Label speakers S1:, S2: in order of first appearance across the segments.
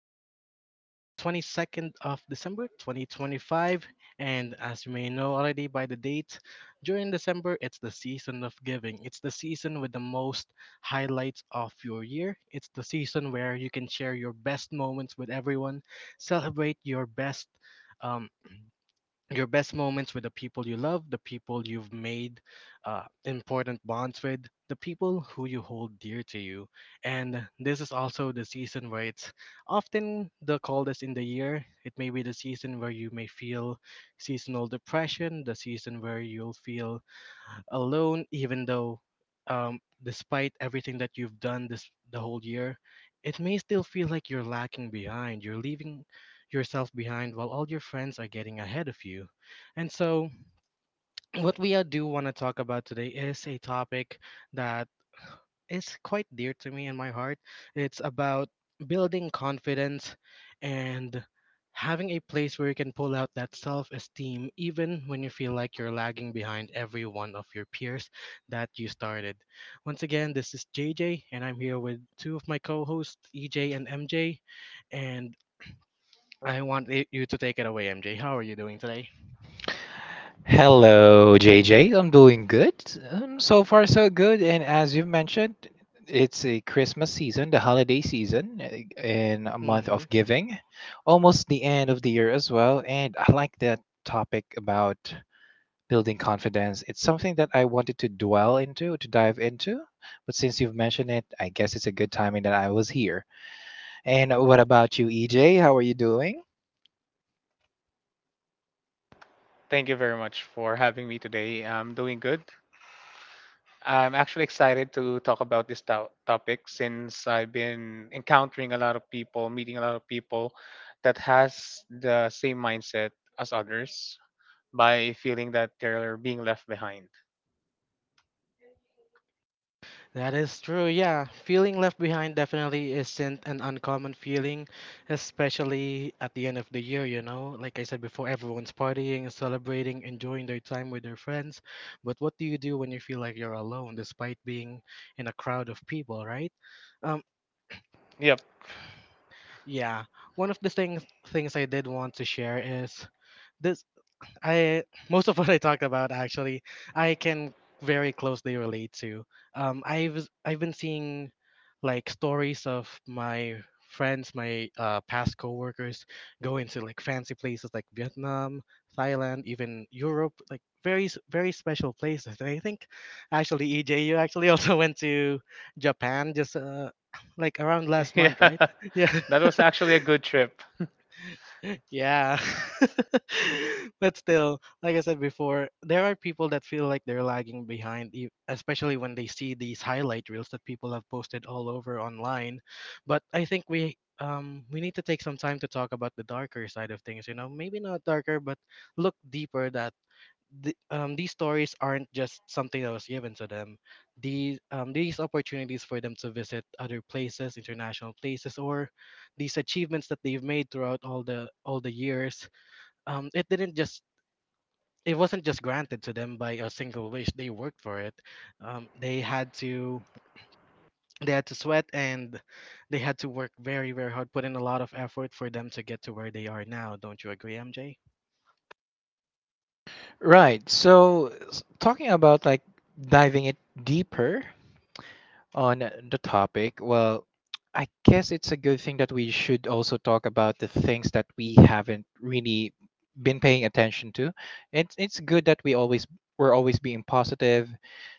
S1: is the 22nd of December 2025, and as you may know already by the date, during December it's the season of giving. It's the season with the most highlights of your year. It's the season where you can share your best moments with everyone, celebrate your best. Um, your best moments with the people you love, the people you've made important bonds with, the people who you hold dear to you. And this is also the season where it's often the coldest in the year. It may be the season where you may feel seasonal depression, the season where you'll feel alone, even though, despite everything that you've done this the whole year, it may still feel like you're lacking behind. You're leaving yourself behind while all your friends are getting ahead of you. And so, what we do want to talk about today is a topic that is quite dear to me in my heart. It's about building confidence and having a place where you can pull out that self esteem, even when you feel like you're lagging behind every one of your peers that you started. Once again, this is JJ, and I'm here with two of my co hosts, EJ and MJ. And I want you to take it away, MJ. How are you doing today?
S2: Hello, JJ. I'm doing good. So far, so good. And as you mentioned, it's a Christmas season, the holiday season, and a month of giving, almost the end of the year as well. And I like that topic about building confidence. It's something that I wanted to dwell into, to dive into. But since you've mentioned it, I guess it's a good timing that I was here. And what about you, EJ? How are you doing?
S3: Thank you very much for having me today. I'm doing good. I'm actually excited to talk about this topic since I've been encountering a lot of people, meeting a lot of people that has the same mindset as others by feeling that they're being left behind.
S1: That is true, yeah. Feeling left behind definitely isn't an uncommon feeling, especially at the end of the year, you know? Like I said before, everyone's partying, celebrating, enjoying their time with their friends. But what do you do when you feel like you're alone despite being in a crowd of people, right? Um,
S3: Yep.
S1: yeah. One of the things I did want to share is this I most of what I talk about actually I can very closely relate to. I've been seeing like stories of my friends, my past coworkers go into like fancy places like Vietnam, Thailand, even Europe, like very special places. And I think actually EJ, you actually also went to Japan just like around last
S3: Yeah.
S1: month, right? Yeah.
S3: That was actually a good trip.
S1: Yeah. But still, like I said before, there are people that feel like they're lagging behind, especially when they see these highlight reels that people have posted all over online. But I think we need to take some time to talk about the darker side of things, you know, maybe not darker, but look deeper that these stories aren't just something that was given to them. These opportunities for them to visit other places, international places, or these achievements that they've made throughout all the years. Um, it didn't just it wasn't just granted to them by a single wish. They worked for it. Um, they had to they had to sweat and they had to work very very hard, put in a lot of effort for them to get to where they are now. Don't you agree, MJ?
S2: Right. So, talking about like diving it deeper on the topic, well, I guess it's a good thing that we should also talk about the things that we haven't really been paying attention to. It's good that we always being positive,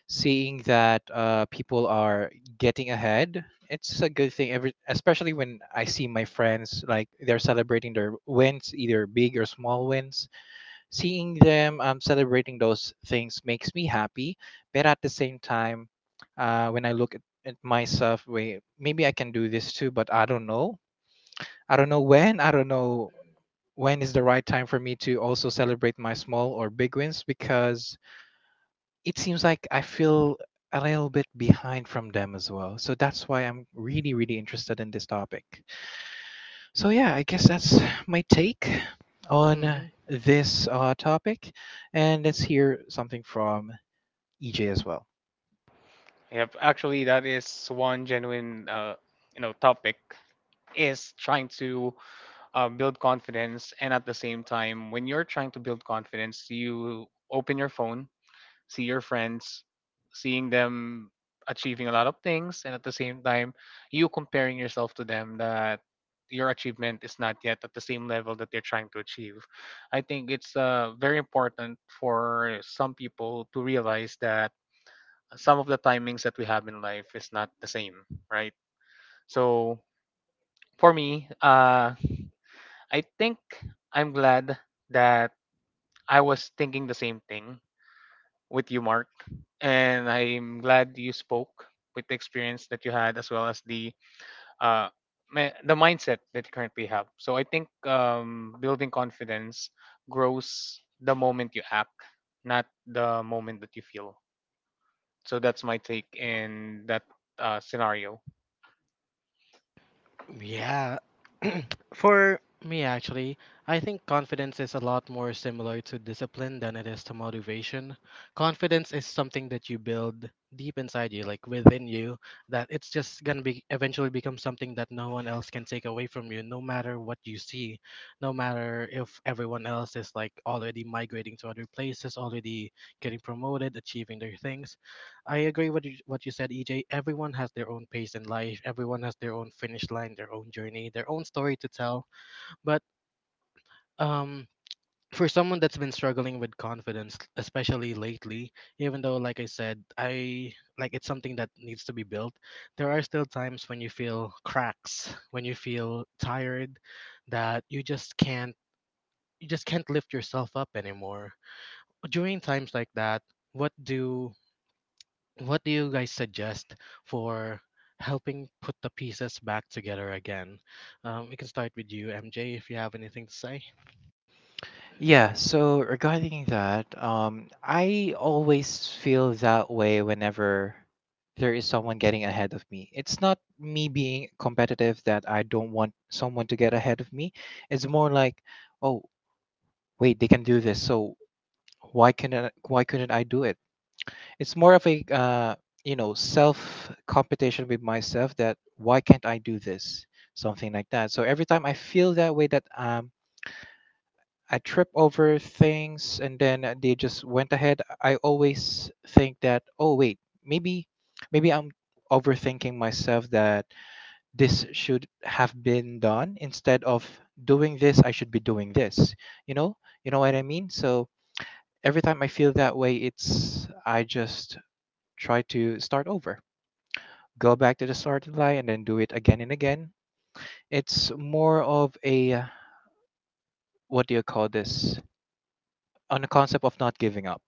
S2: seeing that people are getting ahead. It's a good thing, every especially when I see my friends like they're celebrating their wins, either big or small wins. Seeing them celebrating those things makes me happy. But at the same time, when I look at myself, wait, maybe I can do this too, but I don't know. I don't know when. I don't know when is the right time for me to also celebrate my small or big wins, because it seems like I feel a little bit behind from them as well. So that's why I'm really, really interested in this topic. So yeah, I guess that's my take on
S1: Hmm.
S2: this topic, and let's hear something from EJ as well.
S3: That is one genuine topic is trying to build confidence. And at the same time, when you're trying to build confidence, you open your phone, see your friends, seeing them achieving a lot of things. And at the same time, you comparing yourself to them that your achievement is not yet at the same level that they're trying to achieve. I think it's very important for some people to realize that some of the timings that we have in life is not the same, right? So for me, I think I'm glad that I was thinking the same thing with you, Mark. And I'm glad you spoke with the experience that you had as well as the uh, the mindset that you currently have. So I think building confidence grows the moment you act, not the moment that you feel. So that's my take in that scenario.
S1: Yeah. For me, actually, I think confidence is a lot more similar to discipline than it is to motivation. Confidence is something that you build deep inside you, like within you, that it's just gonna be eventually become something that no one else can take away from you, no matter what you see, no matter if everyone else is like already migrating to other places, already getting promoted, achieving their things. I agree with what you said, EJ. Everyone has their own pace in life. Everyone has their own finish line, their own journey, their own story to tell. But um, for someone that's been struggling with confidence, especially lately, even though, like I said, I like it's something that needs to be built. There are still times when you feel cracks, when you feel tired, that you just can't lift yourself up anymore. During times like that, what do what do you guys suggest for helping put the pieces back together again? We can start with you, MJ, if you have anything to say.
S2: Yeah, so regarding that, I always feel that way whenever there is someone getting ahead of me. It's not me being competitive that I don't want someone to get ahead of me. It's more like, oh, wait, they can do this, so why can I, why couldn't I do it? It's more of a you know, self competition with myself that why can't I do this? Something like that. So every time I feel that way that I trip over things and then they just went ahead, I always think that oh wait, maybe maybe I'm overthinking myself that this should have been done. Instead of doing this I should be doing this. You know? You know what I mean? So every time I feel that way, it's I just try to start over, go back to the starting line and then do it again and again. It's more of a what do you call this? On the concept of not giving up.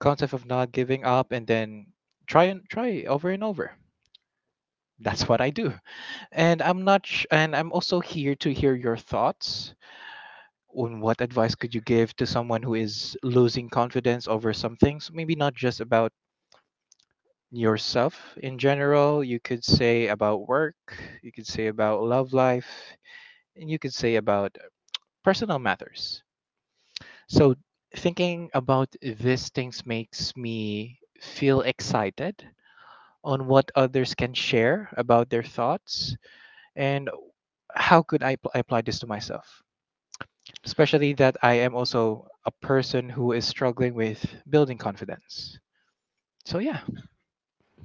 S2: Concept of not giving up and then try and try over and over. That's what I do. And I'm not sh- and I'm also here to hear your thoughts on what advice could you give to someone who is losing confidence over some things, maybe not just about yourself in general. You could say about work, you could say about love life, and you could say about personal matters. So thinking about these things makes me feel excited on what others can share about their thoughts, and how could I, apply this to myself? Especially that I am also a person who is struggling with building confidence. So yeah.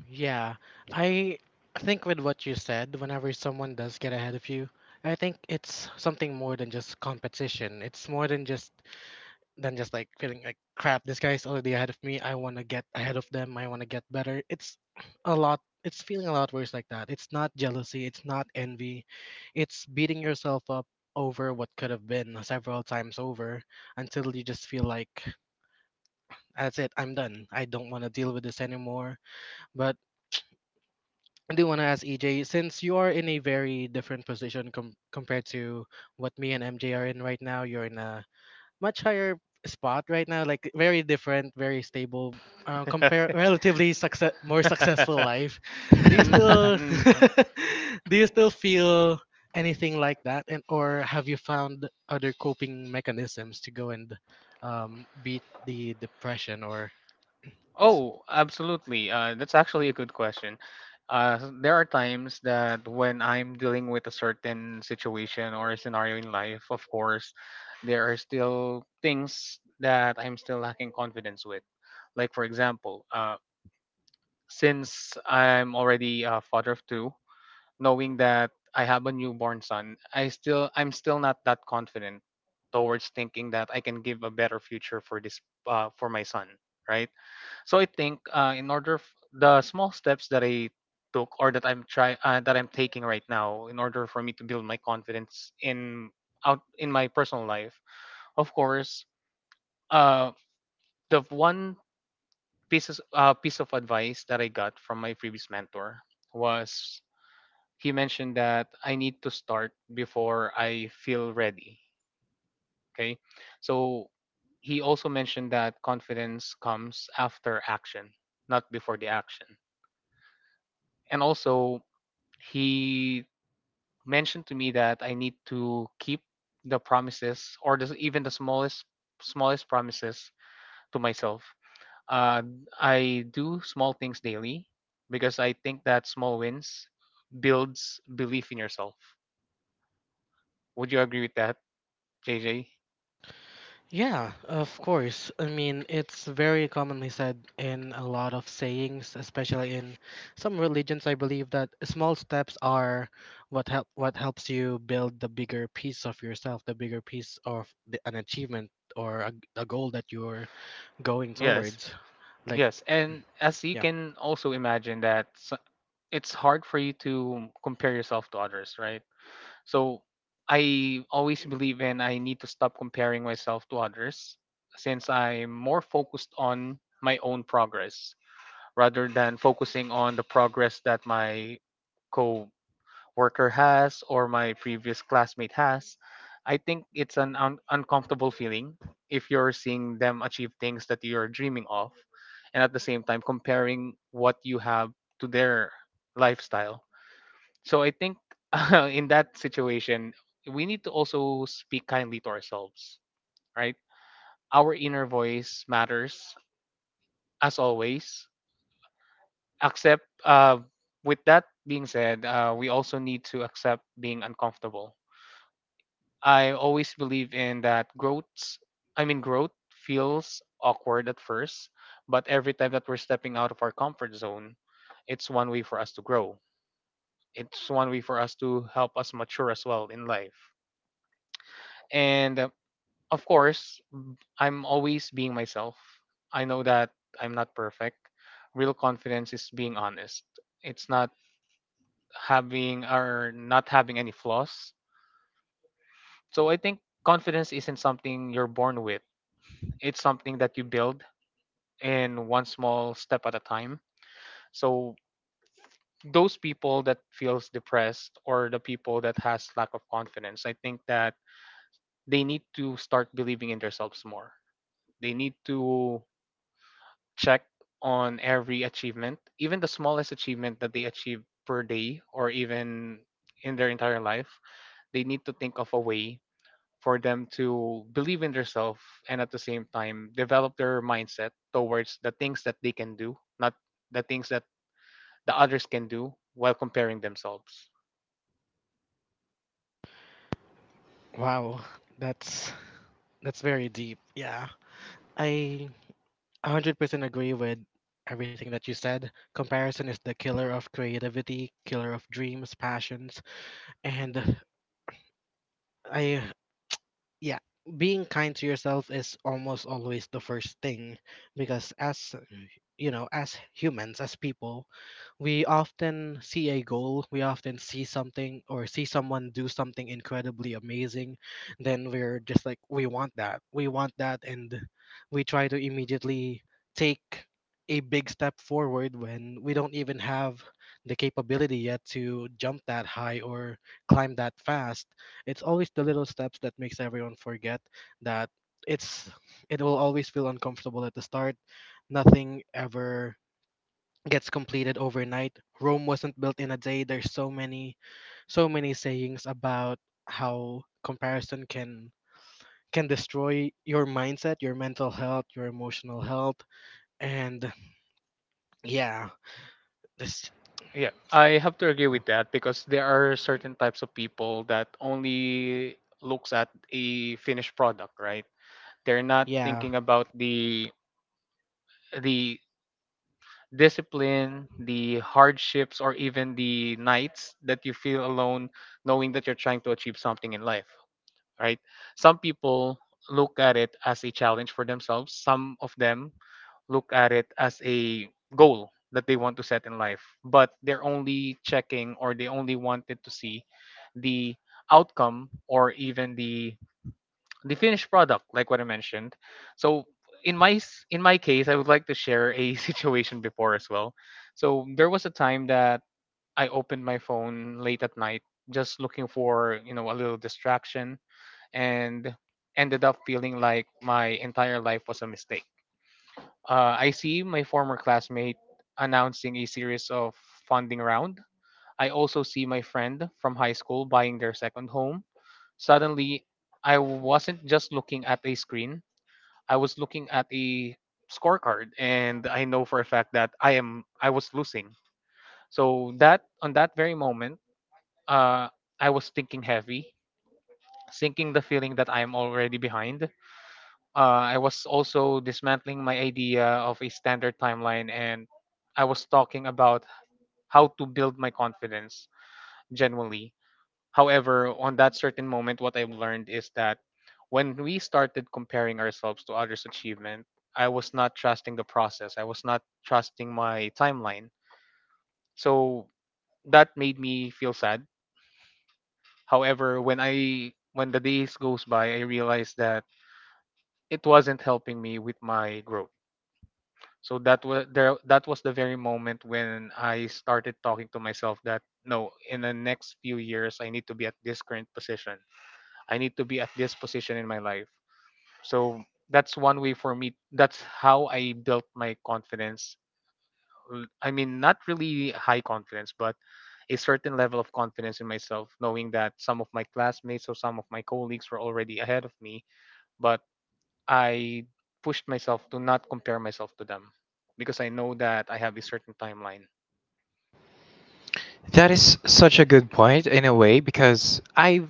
S1: Yeah, I think with what you said, whenever someone does get ahead of you, I think it's something more than just competition. It's more than just like feeling like crap, this guy's already ahead of me, I want to get ahead of them, I want to get better. It's feeling a lot worse like that. It's not jealousy, it's not envy, it's beating yourself up over what could have been several times over until you just feel like that's it, I'm done, I don't want to deal with this anymore. But I do want to ask EJ, since you are in a very different position compared to what me and MJ are in right now. You're in a much higher spot right now, like very different, very stable, compare relatively success more successful life. Do you
S3: N-
S2: that
S1: still
S3: n- n-
S1: do you still feel anything like that? And or have you found other coping mechanisms to go and beat the depression or—
S3: Oh, absolutely. That's actually a good question. There are times that when I'm dealing with a certain situation or a scenario in life, of course, there are still things that I'm still lacking confidence with. Like, for example, since I'm already a father of two, knowing that I have a newborn son, I'm still not that confident towards thinking that I can give a better future for this for my son, right? So I think in order the small steps that I took or that I'm try that I'm taking right now in order for me to build my confidence in out in my personal life, of course, uh, the one pieces piece of advice that I got from my previous mentor was he mentioned that I need to start before I feel ready. Okay, so he also mentioned that confidence comes after action, not before the action. And also, he mentioned to me that I need to keep the promises or the, even the smallest promises to myself. Uh, I do small things daily because I think that small wins builds belief in yourself. Would you agree with that, JJ?
S1: Yeah, of course. I mean, it's very commonly said in a lot of sayings, especially in some religions. I believe that small steps are what helps you build the bigger piece of yourself, the bigger piece of an achievement or a goal that you're going
S3: Yes.
S1: towards. Like,
S3: Yes, and as you
S1: yeah.
S3: can also imagine that it's hard for you to compare yourself to others, right? So I always believe in I need to stop comparing myself to others since I'm more focused on my own progress rather than focusing on the progress that my co worker has or my previous classmate has. I think it's an uncomfortable feeling if you're seeing them achieve things that you're dreaming of and at the same time comparing what you have to their lifestyle. So I think in that situation, we need to also speak kindly to ourselves, right? Our inner voice matters as always. Accept, uh, with that being said, we also need to accept being uncomfortable. I always believe in that growth, I mean, growth feels awkward at first, but every time that we're stepping out of our comfort zone, it's one way for us to grow. It's one way for us to help us mature as well in life. And Of course, I'm always being myself. I know that I'm not perfect. Real confidence is being honest. It's not having or not having any flaws. So I think confidence isn't something you're born with. It's something that you build in one small step at a time. So those people that feels depressed or the people that has lack of confidence, I think that they need to start believing in themselves more. They need to check on every achievement, even the smallest achievement that they achieve per day or even in their entire life, they need to think of a way for them to believe in themselves and at the same time develop their mindset towards the things that they can do, not the things that the others can do while comparing themselves.
S1: Wow, that's that's very deep. Yeah. I 100% agree with everything that you said. Comparison is the killer of creativity, killer of dreams, passions, and I yeah, being kind to yourself is almost always the first thing because, as you know, as humans, as people, we often see a goal, we often see something or see someone do something incredibly amazing, then we're just like we want that, we want that, and we try to immediately take a big step forward when we don't even have the capability yet to jump that high or climb that fast. It's always the little steps that makes everyone forget that it's it will always feel uncomfortable at the start. Nothing ever gets completed overnight. Rome wasn't built in a day. There's so many sayings about how comparison can destroy your mindset, your mental health, your emotional health, and yeah, this
S3: Yeah, I have to agree
S1: yeah,
S3: with that because there are certain types of people that only looks at a finished product, right? They're not
S1: yeah.
S3: thinking about the discipline, the hardships, or even the nights that you feel alone, knowing that you're trying to achieve something in life, right? Some people look at it as a challenge for themselves, some of them look at it as a goal that they want to set in life, but they're only checking or they only wanted to see the outcome or even the finished product like what I mentioned. So in my case I would like to share a situation before as well. So there was a time that I opened my phone late at night just looking for, you know, a little distraction and ended up feeling like my entire life was a mistake. I see my former classmate announcing a series of funding round. I also see my friend from high school buying their second home. Suddenly I wasn't just looking at a screen. I was looking at a scorecard and I know for a fact that I was losing. So that on that very moment, uh, I was thinking heavy, sinking the feeling that I am already behind. I was also dismantling my idea of a standard timeline and I was talking about how to build my confidence genuinely. However, on that certain moment, what I've learned is that when we started comparing ourselves to others' achievement, I was not trusting the process. I was not trusting my timeline. So that made me feel sad. However, when the days goes by, I realized that it wasn't helping me with my growth. So that was the very moment when I started talking to myself that no, in the next few years I need to be at this current position. I need to be at this position in my life. So that's one way for me. That's how I built my confidence. I mean, not really high confidence, but a certain level of confidence in myself, knowing that some of my classmates or some of my colleagues were already ahead of me, but I pushed myself to not compare myself to them because I know that I have a certain timeline.
S2: is such a good point in a way, because I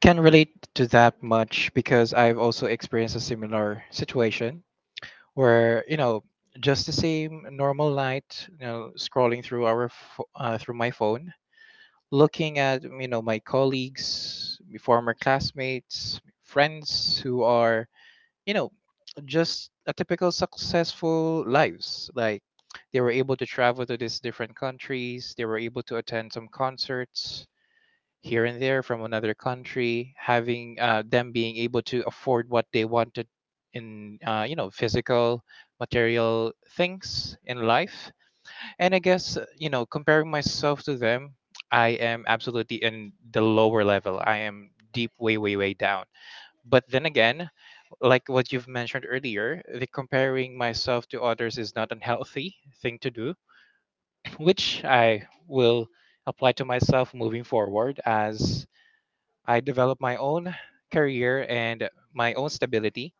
S2: can relate to that much because I've also experienced a similar situation where, you know, just the same normal night, you know, scrolling through our through my phone, looking at, you know, my colleagues, my former classmates, friends who are, you know, just a typical successful lives, like they were able to travel to these different countries, they were able to attend some concerts here and there from another country, having them being able to afford what they wanted in, you know, physical material things in life. And I guess, you know, comparing myself to them, I am absolutely in the lower level, I am deep way way way down. But then again, like what you've mentioned earlier, the comparing myself to others is not unhealthy thing to do, which I will apply to myself moving forward as I developed my own career and my own stability.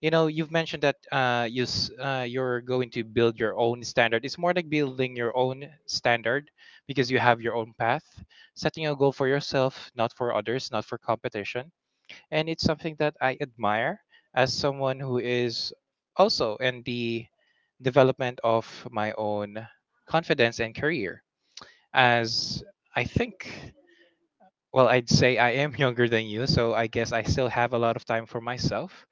S2: You know, you've mentioned that you're going to build your own standard. It's more like building your own standard because you have your own path, setting a goal for yourself, not for others, not for competition. And it's something that I admire as someone who is also in the development of my own confidence and career. As I think, well, I'd say I am younger than you, so I guess I still have a lot of time for myself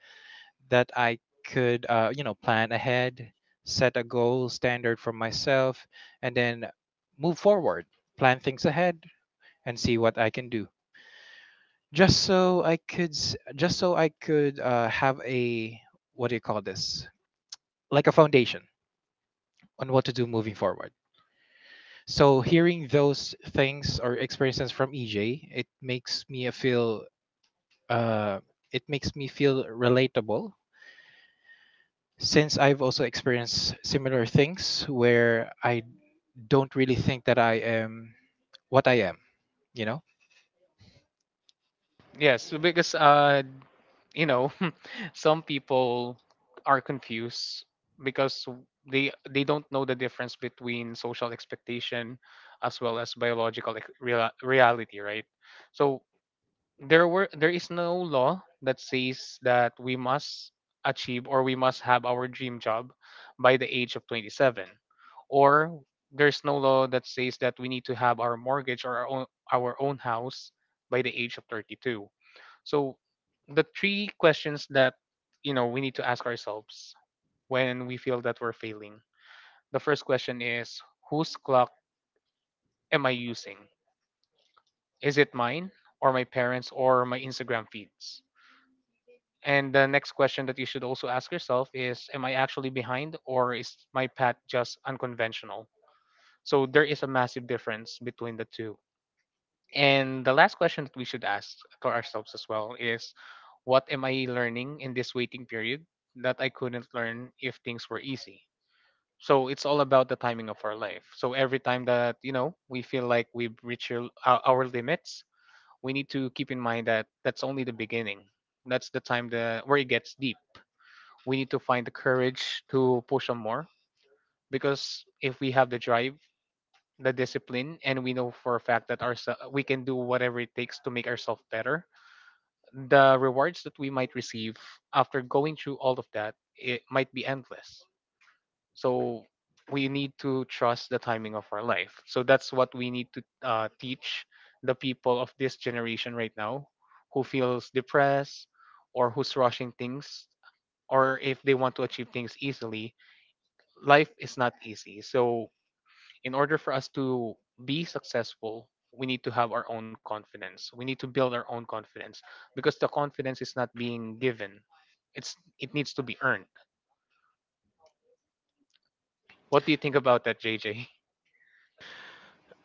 S2: that I could, you know, plan ahead, set a goal standard for myself, and then move forward, plan things ahead, and see what I can do. Just so I could, s- just so I could have a, what do you call this? Like a foundation on what to do moving forward. So hearing those things or experiences from EJ, it makes me feel uh, it makes me feel relatable, since I've also experienced similar things where I don't really think that I am what I am, you know?
S3: Yes, so because you know some people are confused because they don't know the difference between social expectation as well as real, reality, right? So there is no law that says that we must achieve or we must have our dream job by the age of 27, or there's no law that says that we need to have our mortgage or our own house by the age of 32. So the three questions that, you know, we need to ask ourselves when we feel that we're failing, the first question is whose clock am I using? Is it mine or my parents or my Instagram feeds? And the next question that you should also ask yourself is, am I actually behind, or is my path just unconventional? So there is a massive difference between the two. And the last question that we should ask to ourselves as well is, what am I learning in this waiting period that I couldn't learn if things were easy? So it's all about the timing of our life. So every time that, you know, we feel like we've reached our limits, we need to keep in mind that that's only the beginning. That's the time that where it gets deep. We need to find the courage to push on more, because if we have the drive, the discipline, and we know for a fact that our we can do whatever it takes to make ourselves better, the rewards that we might receive after going through all of that, it might be endless. So we need to trust the timing of our life. So that's what we need to teach the people of this generation right now who feels depressed or who's rushing things or if they want to achieve things easily. Life is not easy. So, in order for us to be successful, we need to have our own confidence. We need to build our own confidence because the confidence is not being given. It needs to be earned. What do you think about that, JJ?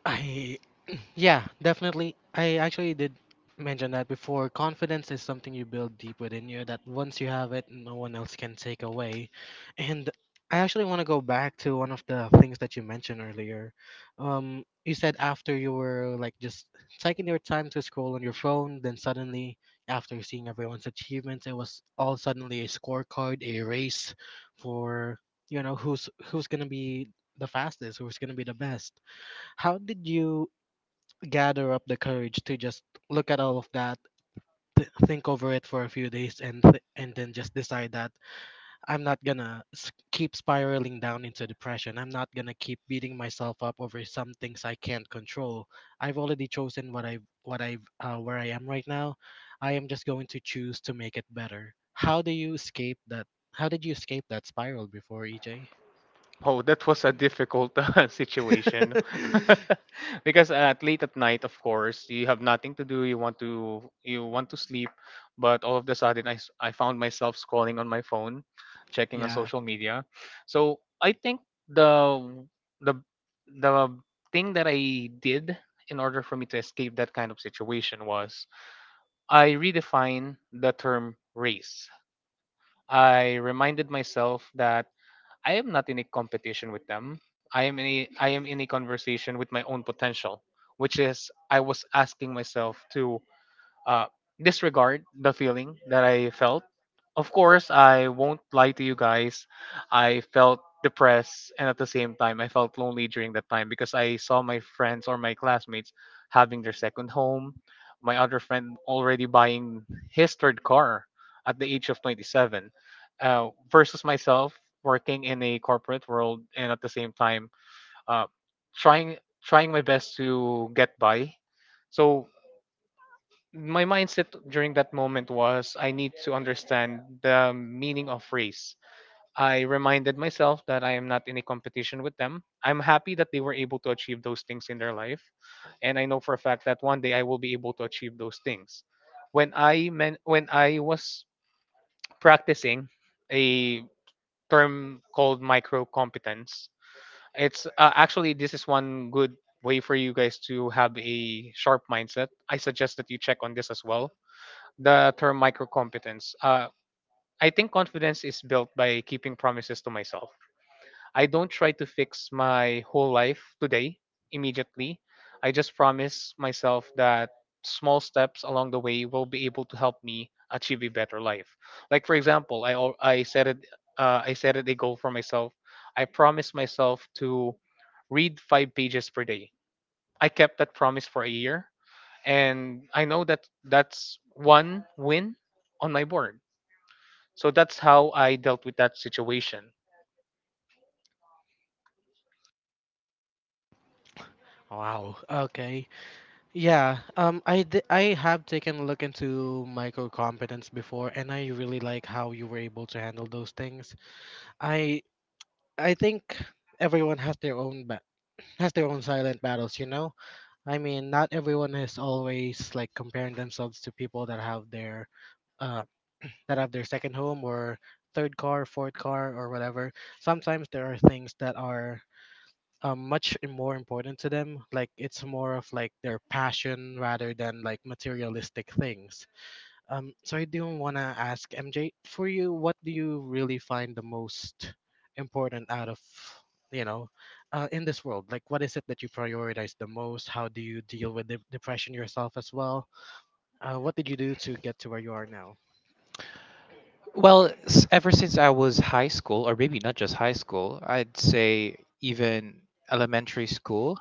S1: I Yeah, definitely. I actually did mention that before. Confidence is something you build deep within you that once you have it, no one else can take away. And I actually want to go back to one of the things that you mentioned earlier. You said after you were like just taking your time to scroll on your phone, then suddenly after seeing everyone's achievements, it was all suddenly a scorecard, a race for, you know, who's gonna be the fastest, who's gonna be the best. How did you gather up the courage to just look at all of that, think over it for a few days, and and then just decide that I'm not gonna keep spiraling down into depression. I'm not gonna keep beating myself up over some things I can't control. I've already chosen what I where I am right now. I am just going to choose to make it better. How do you escape that? How did you escape that spiral before, EJ?
S3: Oh, that was a difficult situation because at late at night, of course, you have nothing to do. You want to sleep, but all of the sudden, I found myself scrolling on my phone, checking on
S1: Yeah.
S3: social media. So I think the the the thing that I did in order for me to escape that kind of situation was I redefine the term race. I reminded myself that I am not in a competition with them. I am in a conversation with my own potential, which is I was asking myself to uh, disregard the feeling that I felt. Of course, I won't lie to you guys. I felt depressed, and at the same time I felt lonely during that time because I saw my friends or my classmates having their second home, my other friend already buying his third car at the age of 27, versus myself working in a corporate world, and at the same time, uh, trying trying my best to get by. So my mindset during that moment was I need to understand the meaning of race. I reminded myself that I am not in a competition with them. I'm happy that they were able to achieve those things in their life, and I know for a fact that one day I will be able to achieve those things. When I was practicing a term called micro competence, it's actually this is one good way for you guys to have a sharp mindset. I suggest that you check on this as well, the term microcompetence. I think confidence is built by keeping promises to myself. I don't try to fix my whole life today immediately. I just promise myself that small steps along the way will be able to help me achieve a better life. Like for example, I set it, I set it a goal for myself. I promised myself to read 5 pages per day. I kept that promise for a year, and I know that that's one win on my board. So that's how I dealt with that situation.
S1: Wow. Okay. Yeah, I have taken a look into micro competence before, and I really like how you were able to handle those things. I I think everyone has their has their own silent battles. You know, I mean, not everyone is always like comparing themselves to people uh, that have their second home or third car, fourth car, or whatever. Sometimes there are things that are much more important to them, like it's more of like their passion rather than like materialistic things. Um, so I do want to ask MJ, for you, what do you really find the most important out of, you know, in this world? Like what is it that you prioritize the most? How do you deal with depression yourself as well? What did you do to get to where you are now?
S2: Well, ever since I was high school, or maybe not just high school, I'd say even elementary school,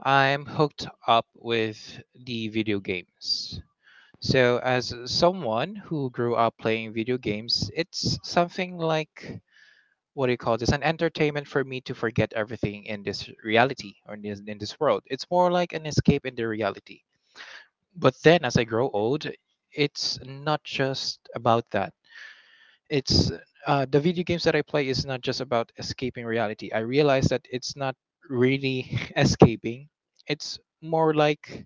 S2: I'm hooked up with the video games. So, as someone who grew up playing video games, it's something like, what do you call this, an entertainment for me to forget everything in this reality, or in in this world. It's more like an escape in the reality. But then as I grow old, it's not just about that. It's, the video games that I play is not just about escaping reality. I realize that it's not really escaping. It's more like,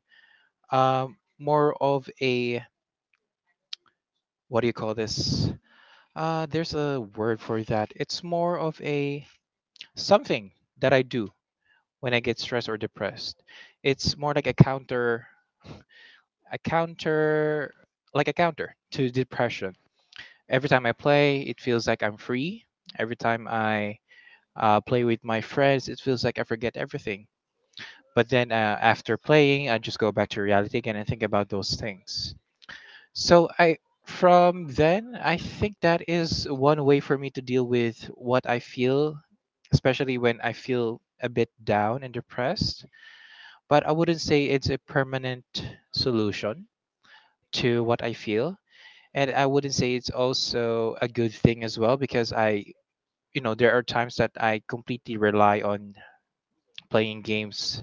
S2: more of a, what do you call this, there's a word for that, it's more of a something that I do when I get stressed or depressed. It's more like a counter, like a counter to depression. Every time I play, it feels like I'm free. Every time I play with my friends, it feels like I forget everything. But then after playing, I just go back to reality again and think about those things. So from then, I think that is one way for me to deal with what I feel, especially when I feel a bit down and depressed. But I wouldn't say it's a permanent solution to what I feel. And I wouldn't say it's also a good thing as well, because you know, there are times that I completely rely on playing games,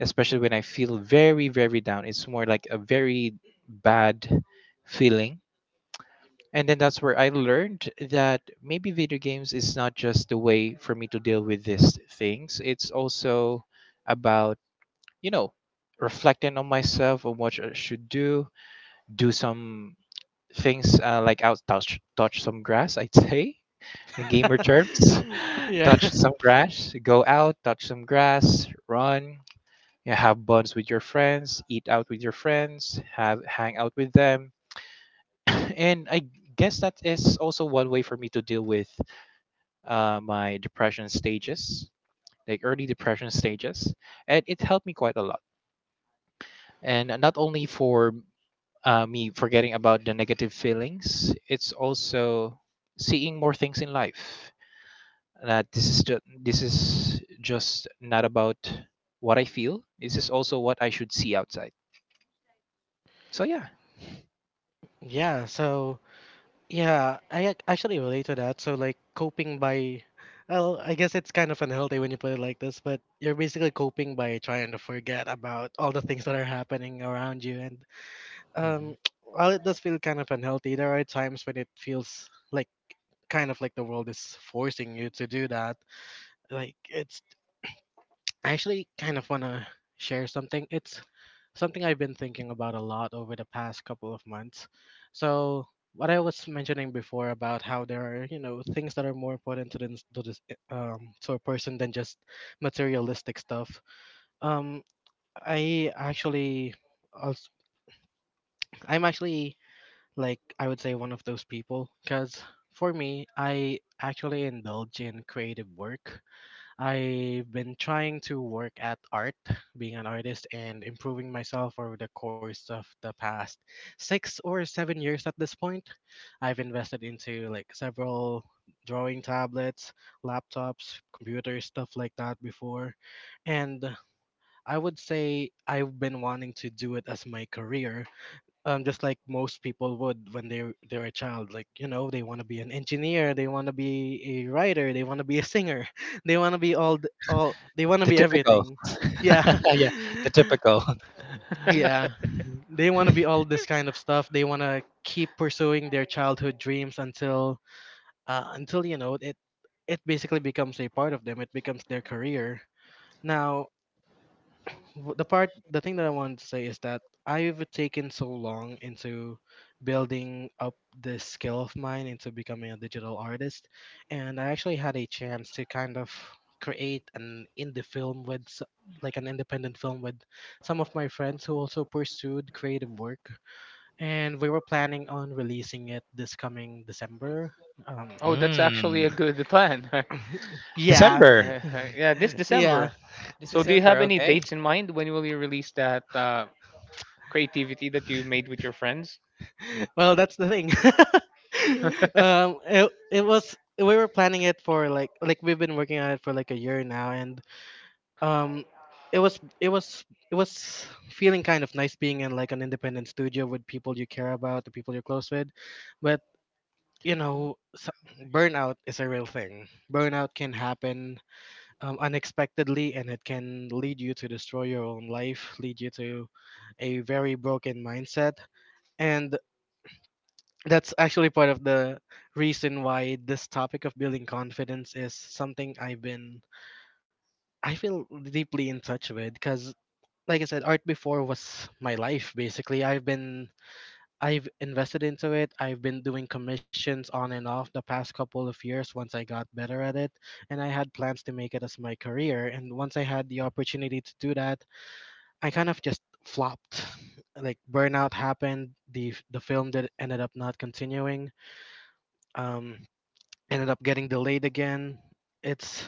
S2: especially when I feel very, very down. It's more like a very bad feeling. And then that's where I learned that maybe video games is not just the way for me to deal with these things. It's also about, you know, reflecting on myself on what I should do, do some things, like out, touch some grass I'd say, in gamer terms,
S1: Yeah.
S2: touch some grass, go out, touch some grass, run. Yeah, have buns with your friends, eat out with your friends, have hang out with them. And I guess that is also one way for me to deal with my depression stages, like early depression stages. And it helped me quite a lot, and not only for me forgetting about the negative feelings. It's also seeing more things in life. That this is just not about what I feel. This is also what I should see outside. So yeah.
S1: Yeah, so, yeah, I actually relate to that. So like coping by, well, I guess it's kind of unhealthy when you put it like this, but you're basically coping by trying to forget about all the things that are happening around you. And um,
S2: Mhm.
S1: while it does feel kind of unhealthy, there are times when it feels like kind of like the world is forcing you to do that. Like it's— I actually kind of want to share something. It's something I've been thinking about a lot over the past couple of months. So, what I was mentioning before about how there are, things that are more important to this, to a person than just materialistic stuff. Um, I actually, als- I'm actually like I would say one of those people because for me, I actually indulge in creative work. I've been trying to work at art, being an artist, and improving myself over the course of the past 6 or 7 years at this point. I've invested into like several drawing tablets, laptops, computers, stuff like that before. And I would say I've been wanting to do it as my career, just like most people would when they're a child. Like you know, they want to be an engineer, they want to be a writer, they want to be a singer, they want to be all th- all they want to
S2: The
S1: be
S2: typical.
S1: everything. Yeah,
S2: yeah, the typical.
S1: yeah. They want to be all this kind of stuff. They want to keep pursuing their childhood dreams until you know it basically becomes a part of them. It becomes their career. Now the thing that I wanted to say is that I've taken so long into building up this skill of mine into becoming a digital artist, and I actually had a chance to kind of create an indie film with like an independent film with some of my friends who also pursued creative work, and we were planning on releasing it this coming December. um
S3: Oh, that's actually a
S2: Mm.
S3: good plan.
S1: yeah.
S2: December.
S3: Uh, yeah, this
S1: Yeah,
S3: December.
S2: This
S3: So do you have
S2: December,
S3: any
S2: okay.
S3: dates in mind? When will you release that creativity that you made with your friends?
S1: well, that's the thing. It, it was we were planning it for like we've been working on it for like a year now, and um, it was it was it was feeling kind of nice being in like an independent studio with people you care about, the people you're close with, but you know, so, burnout is a real thing. Burnout can happen unexpectedly, and it can lead you to destroy your own life, lead you to a very broken mindset, and that's actually part of the reason why this topic of building confidence is something I feel deeply in touch with because like I said, art before was my life. Basically, I've been, I've invested into it, I've been doing commissions on and off the past couple of years once I got better at it, and I had plans to make it as my career, and once I had the opportunity to do that, I kind of just flopped. Like burnout happened, the film did ended up not continuing. um Ended up getting delayed again. It's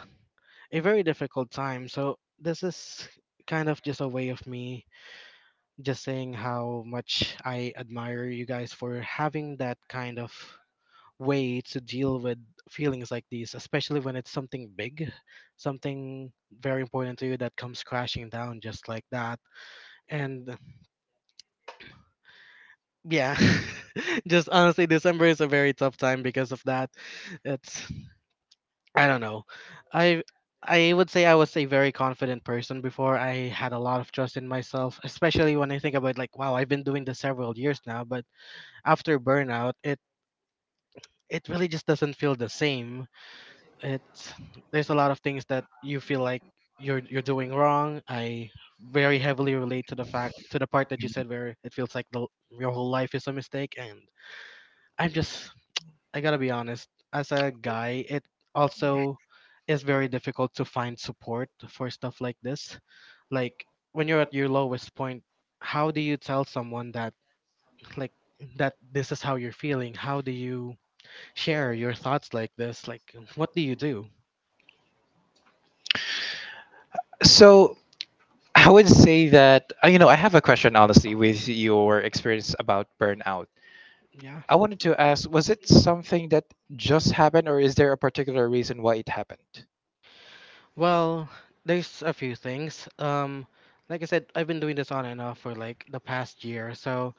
S1: a very difficult time. So this is kind of just a way of me just saying how much I admire you guys for having that kind of way to deal with feelings like these, especially when it's something big, something very important to you that comes crashing down just like that. And yeah, just honestly, December is a very tough time because of that. It's I don't know. I I would say I was a very confident person before. I had a lot of trust in myself, especially when I think about like, wow, I've been doing this several years now, but after burnout, it really just doesn't feel the same. It's there's a lot of things that you feel like you're doing wrong. I very heavily relate to the fact to the part that you said where it feels like the your whole life is a mistake, and I'm just, I gotta be honest, as a guy, it also is very difficult to find support for stuff like this. Like when you're at your lowest point, how do you tell someone that like that this is how you're feeling? How do you share your thoughts like this? Like what do you do?
S2: So I would say that, you know, I have a question honestly with your experience about burnout.
S1: Yeah.
S2: I wanted to ask, was it something that just happened, or is there a particular reason why it happened?
S1: Well, there's a few things. Like I said, I've been doing this on and off for like the past year. So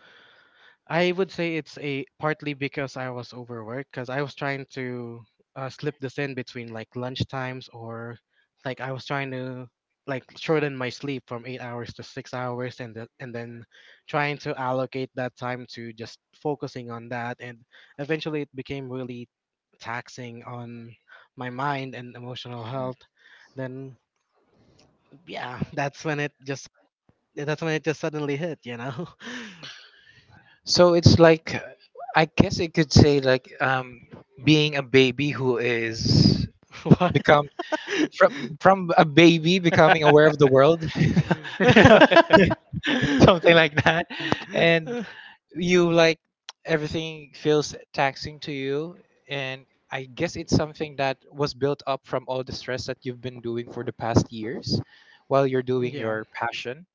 S1: I would say it's a partly because I was overworked because I was trying to slip this in between like lunch times, or like I was trying to like shorten my sleep from 8 hours to 6 hours, and then trying to allocate that time to just focusing on that, and eventually it became really taxing on my mind and emotional health. Then yeah, that's when it just, that's when it just suddenly hit, you know.
S2: So it's like, I guess it could say being a baby who is
S1: What?
S2: become from from a baby becoming aware of the
S3: Hmm.
S2: world, you know, something like that, and you like everything feels taxing to you. And I guess it's something that was built up from all the stress that you've been doing for the past years while you're doing
S1: Yeah,
S2: your passion.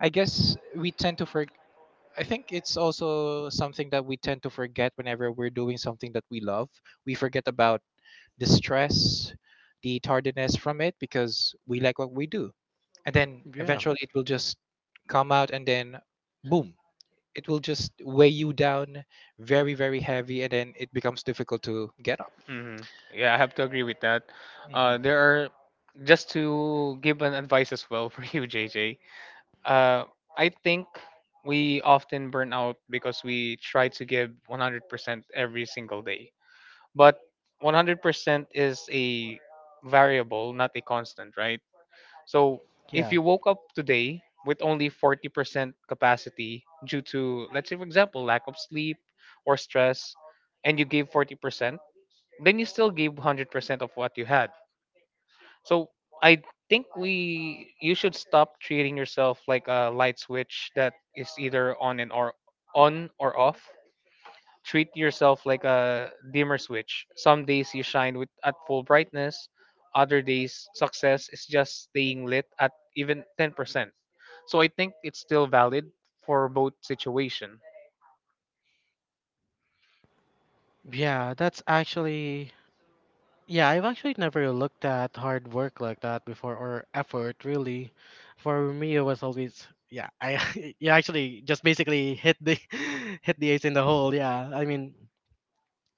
S2: i guess we tend to forget I think it's also something that we tend to forget whenever we're doing something that we love. We forget about the stress, the tardiness from it, because we like what we do. And then
S1: yeah,
S2: eventually it will just come out, and then boom, it will just weigh you down very heavy, and then it becomes difficult to get up.
S3: Yeah, I have to agree with that.
S2: Hmm.
S3: There are, just to give an advice as well for you, JJ. Uh, I think we often burn out because we try to give 100% every single day. But 100% is a variable, not a constant, right? So if
S1: yeah,
S3: you woke up today with only 40% capacity due to, let's say, for example, lack of sleep or stress, and you gave 40%, then you still gave 100% of what you had. So I think we you should stop treating yourself like a light switch that is either on or off. Treat yourself like a dimmer switch. Some days you shine with at full brightness, other days success is just staying lit at even 10%. So I think it's still valid for both situation.
S1: yeah. That's actually, yeah. I've actually never looked at hard work like that before, or effort really. For me, it was always yeah. I you actually just basically hit the hit the ace in the hole. Yeah, I mean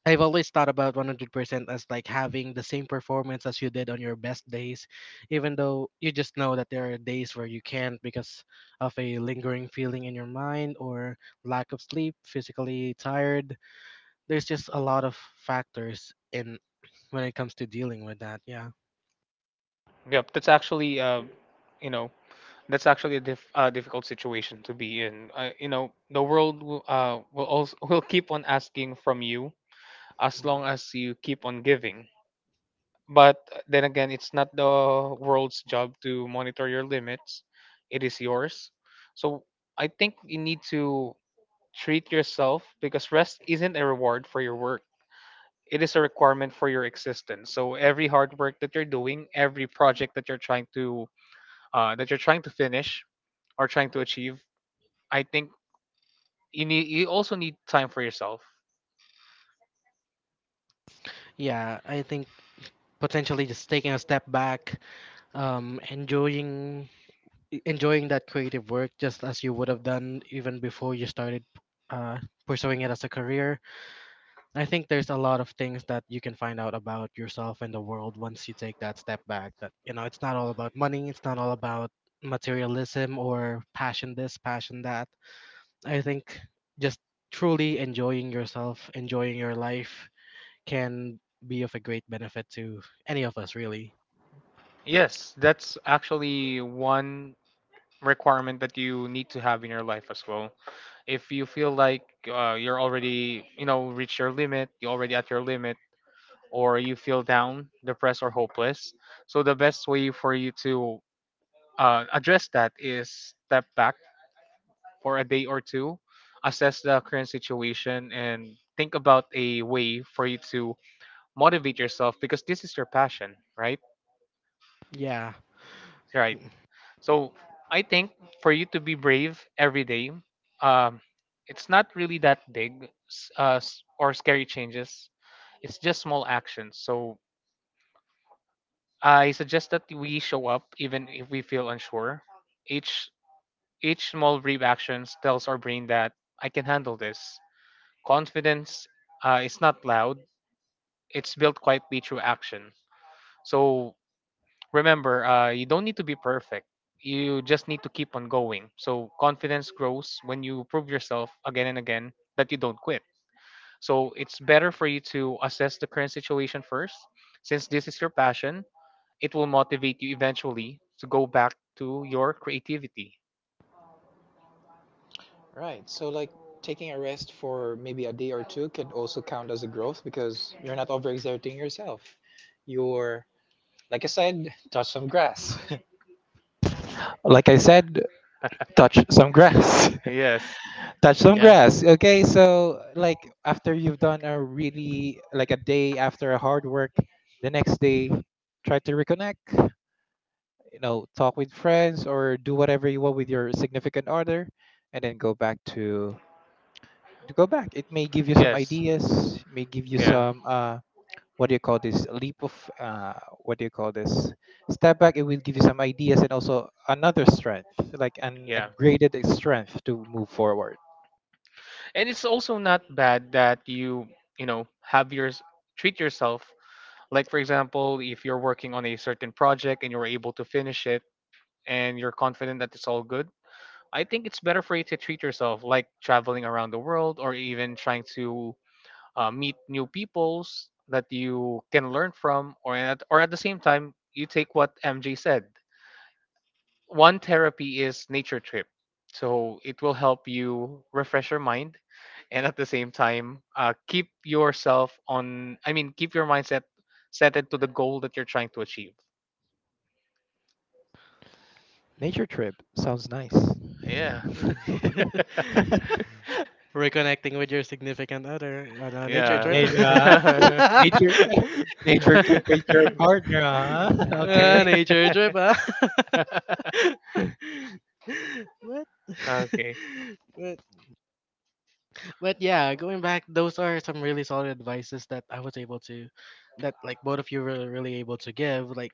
S1: I've always thought about 100% as like having the same performance as you did on your best days, even though you just know that there are days where you can't because of a lingering feeling in your mind, or lack of sleep, physically tired. There's just a lot of factors in when it comes to dealing with that. Yeah.
S3: Yep, that's actually you know, that's actually a difficult situation to be in. You know, the world will also will keep on asking from you as
S1: Mm.
S3: long as you keep on giving. But then again, it's not the world's job to monitor your limits; it is yours. So I think you need to treat yourself, because rest isn't a reward for your work. It is a requirement for your existence. So every hard work that you're doing, every project that you're trying to finish, or trying to achieve, I think you also need time for yourself.
S1: Yeah, I think potentially just taking a step back, enjoying enjoying that creative work just as you would have done even before you started uh, pursuing it as a career. I think there's a lot of things that you can find out about yourself and the world once you take that step back. That you know, it's not all about money. It's not all about materialism or passion this, passion that. I think just truly enjoying yourself, enjoying your life, can be of a great benefit to any of us, really.
S3: Yes, that's actually one requirement that you need to have in your life as well. If you feel like you're already, you know, reached your limit, you're already at your limit, or you feel down, depressed, or hopeless, so the best way for you to address that is step back for a day or two, assess the current situation, and think about a way for you to motivate yourself, because this is your passion, right?
S1: Yeah,
S3: Right. So I think for you to be brave every day, um, it's not really that big s- s- or scary changes. It's just small actions. So I suggest that we show up even if we feel unsure. Each each small brave actions tells our brain that I can handle this. Confidence, is not loud. It's built quietly through action. So remember, you don't need to be perfect, you just need to keep on going. So confidence grows when you prove yourself again and again that you don't quit. So it's better for you to assess the current situation first. Since this is your passion, it will motivate you eventually to go back to your creativity.
S2: Right, so like taking a rest for maybe a day or two could also count as a growth because you're not overexerting yourself. You're, like I said, touch some grass, like I said, touch some grass,
S3: Yes.
S2: touch some
S1: yeah.
S2: grass. Okay, so like after you've done a really, like a day after a hard work, the next day try to reconnect, you know, talk with friends or do whatever you want with your significant other, and then go back to go back, it may give you some
S3: Yes.
S2: ideas, may give you
S3: Yeah.
S2: some, what do you call this leap of, uh what do you call this step back, it will give you some ideas and also another strength, like an
S3: Yeah,
S2: upgraded strength to move forward.
S3: and it's also not bad that you know, have your, treat yourself. Like for example, if you're working on a certain project and you're able to finish it, and you're confident that it's all good, I think it's better for you to treat yourself, like traveling around the world, or even trying to meet new peoples that you can learn from, or at the same time you take what MJ said, one therapy is nature trip. So it will help you refresh your mind, and at the same time keep yourself on, keep your mindset set into the goal that you're trying to achieve.
S2: Nature trip sounds nice.
S3: Yeah.
S1: Reconnecting with your significant other on a nature trip.
S3: Yeah.
S2: Na- uh, nature, nature trip with your partner, huh? Okay.
S1: Ah, nature trip, huh? What?
S3: Okay.
S1: but but yeah, going back, those are some really solid advices that I was able to, that like both of you were really able to give. Like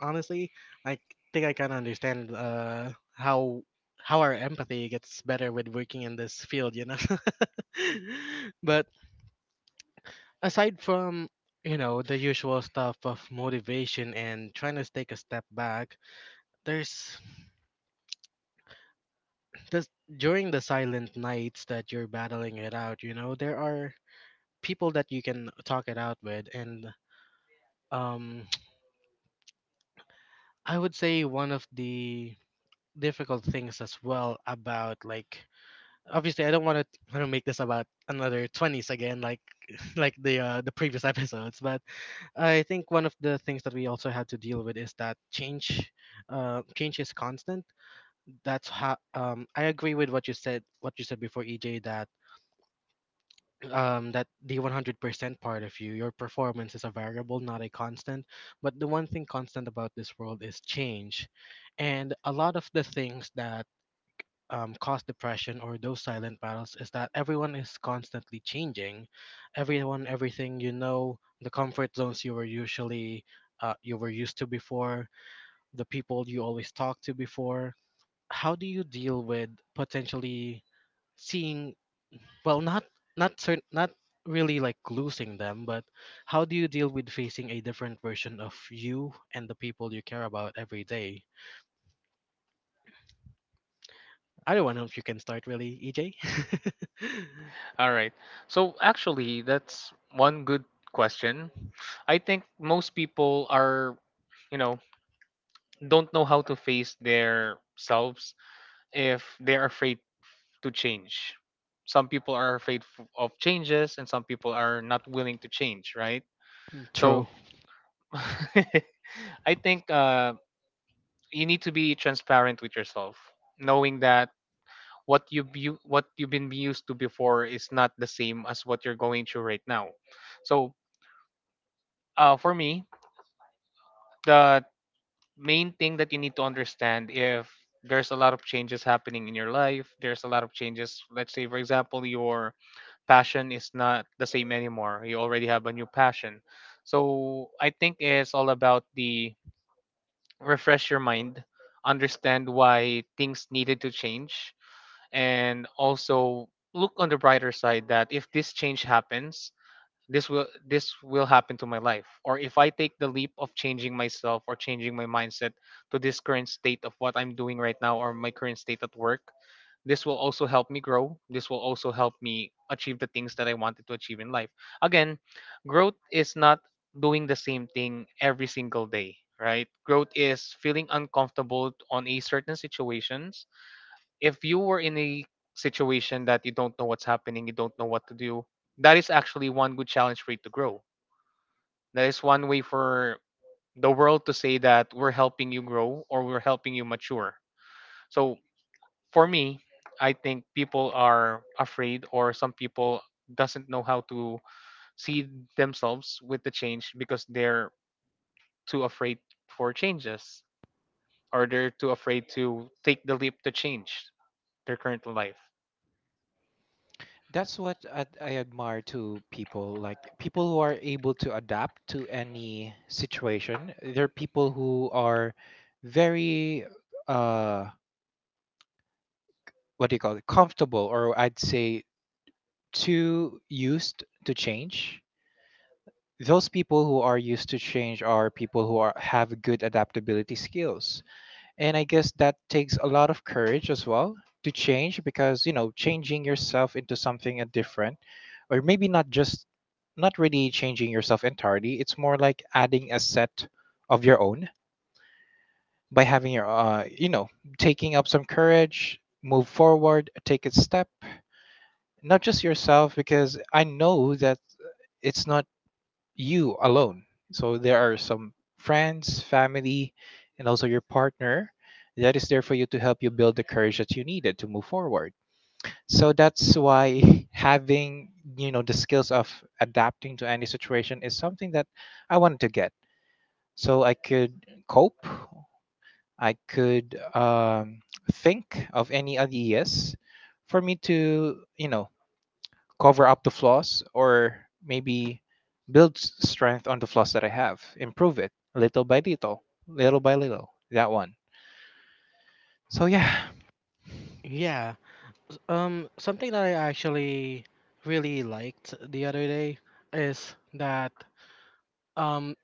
S1: honestly, I think I kind of understand how our empathy gets better with working in this field, you know. But aside from you know the usual stuff of motivation and trying to take a step back, there's this during the silent nights that you're battling it out. You know, there are people that you can talk it out with, and um, I would say one of the difficult things as well about like obviously I don't want to, I don't make this about another 20s again, like like the previous episodes, but I think one of the things that we also had to deal with is that change, change is constant. That's how I agree with what you said before, EJ, that that the 100% part of you your performance is a variable, not a constant, but the one thing constant about this world is change. And a lot of the things that cause depression or those silent battles is that everyone is constantly changing. Everyone, everything, you know, the comfort zones you were usually you were used to before, the people you always talked to before. How do you deal with potentially seeing, well, not cer- not really like losing them, but how do you deal with facing a different version of you and the people you care about every day? I don't know if you can start really, EJ.
S3: All right. So actually that's one good question. I think most people are, you know, don't know how to face their selves if they're afraid to change. Some people are afraid of changes, and some people are not willing to change, right?
S1: True.
S3: So I think, you need to be transparent with yourself, knowing that what you've been used to before is not the same as what you're going through right now. So for me, the main thing that you need to understand, if there's a lot of changes happening in your life, there's a lot of changes. Let's say, for example, your passion is not the same anymore. You already have a new passion. So I think it's all about the refresh your mind, understand why things needed to change, and also look on the brighter side that if this change happens, this will happen to my life. Or if I take the leap of changing myself or changing my mindset to this current state of what I'm doing right now, or my current state at work, this will also help me grow, this will also help me achieve the things that I wanted to achieve in life. Again, growth is not doing the same thing every single day, right? Growth is feeling uncomfortable on a certain situation. If you were in a situation that you don't know what's happening, you don't know what to do, that is actually one good challenge for you to grow. That is one way for the world to say that we're helping you grow, or we're helping you mature. So for me, I think people are afraid, or some people doesn't know how to see themselves with the change because they're too afraid for changes, or they're too afraid to take the leap to change their current life.
S2: That's what I admire to people, like people who are able to adapt to any situation. There are people who are very, uh what do you call it comfortable, or I'd say too used to change. Those people who are used to change are people who are have good adaptability skills. And I guess that takes a lot of courage as well to change because, you know, changing yourself into something different, or maybe not just, not really changing yourself entirely. It's more like adding a set of your own by having your, you know, taking up some courage, move forward, take a step, not just yourself, because I know that it's not you alone. So there are some friends, family, and also your partner that is there for you to help you build the courage that you needed to move forward. So that's why having, you know, the skills of adapting to any situation is something that I wanted to get. So I could cope, I could think of any ideas for me to, you know, cover up the flaws, or maybe strength on the flaws that I have, improve it little by little, little by little. That one. So yeah,
S1: Yeah. Something that I actually really liked the other day is that um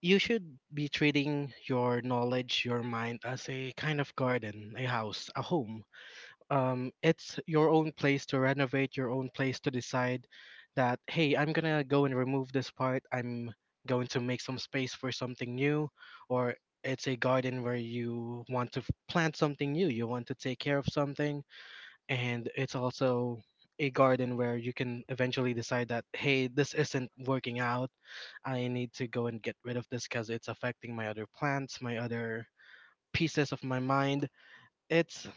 S1: you should be treating your knowledge, your mind as a kind of garden, a house, a home. It's your own place to renovate, your own place to decide that, hey, I'm gonna go and remove this part. I'm going to make some space for something new, or it's a garden where you want to plant something new, you want to take care of something, and it's also a garden where you can eventually decide that, hey, this isn't working out, I need to go and get rid of this because it's affecting my other plants, my other pieces of my mind. It's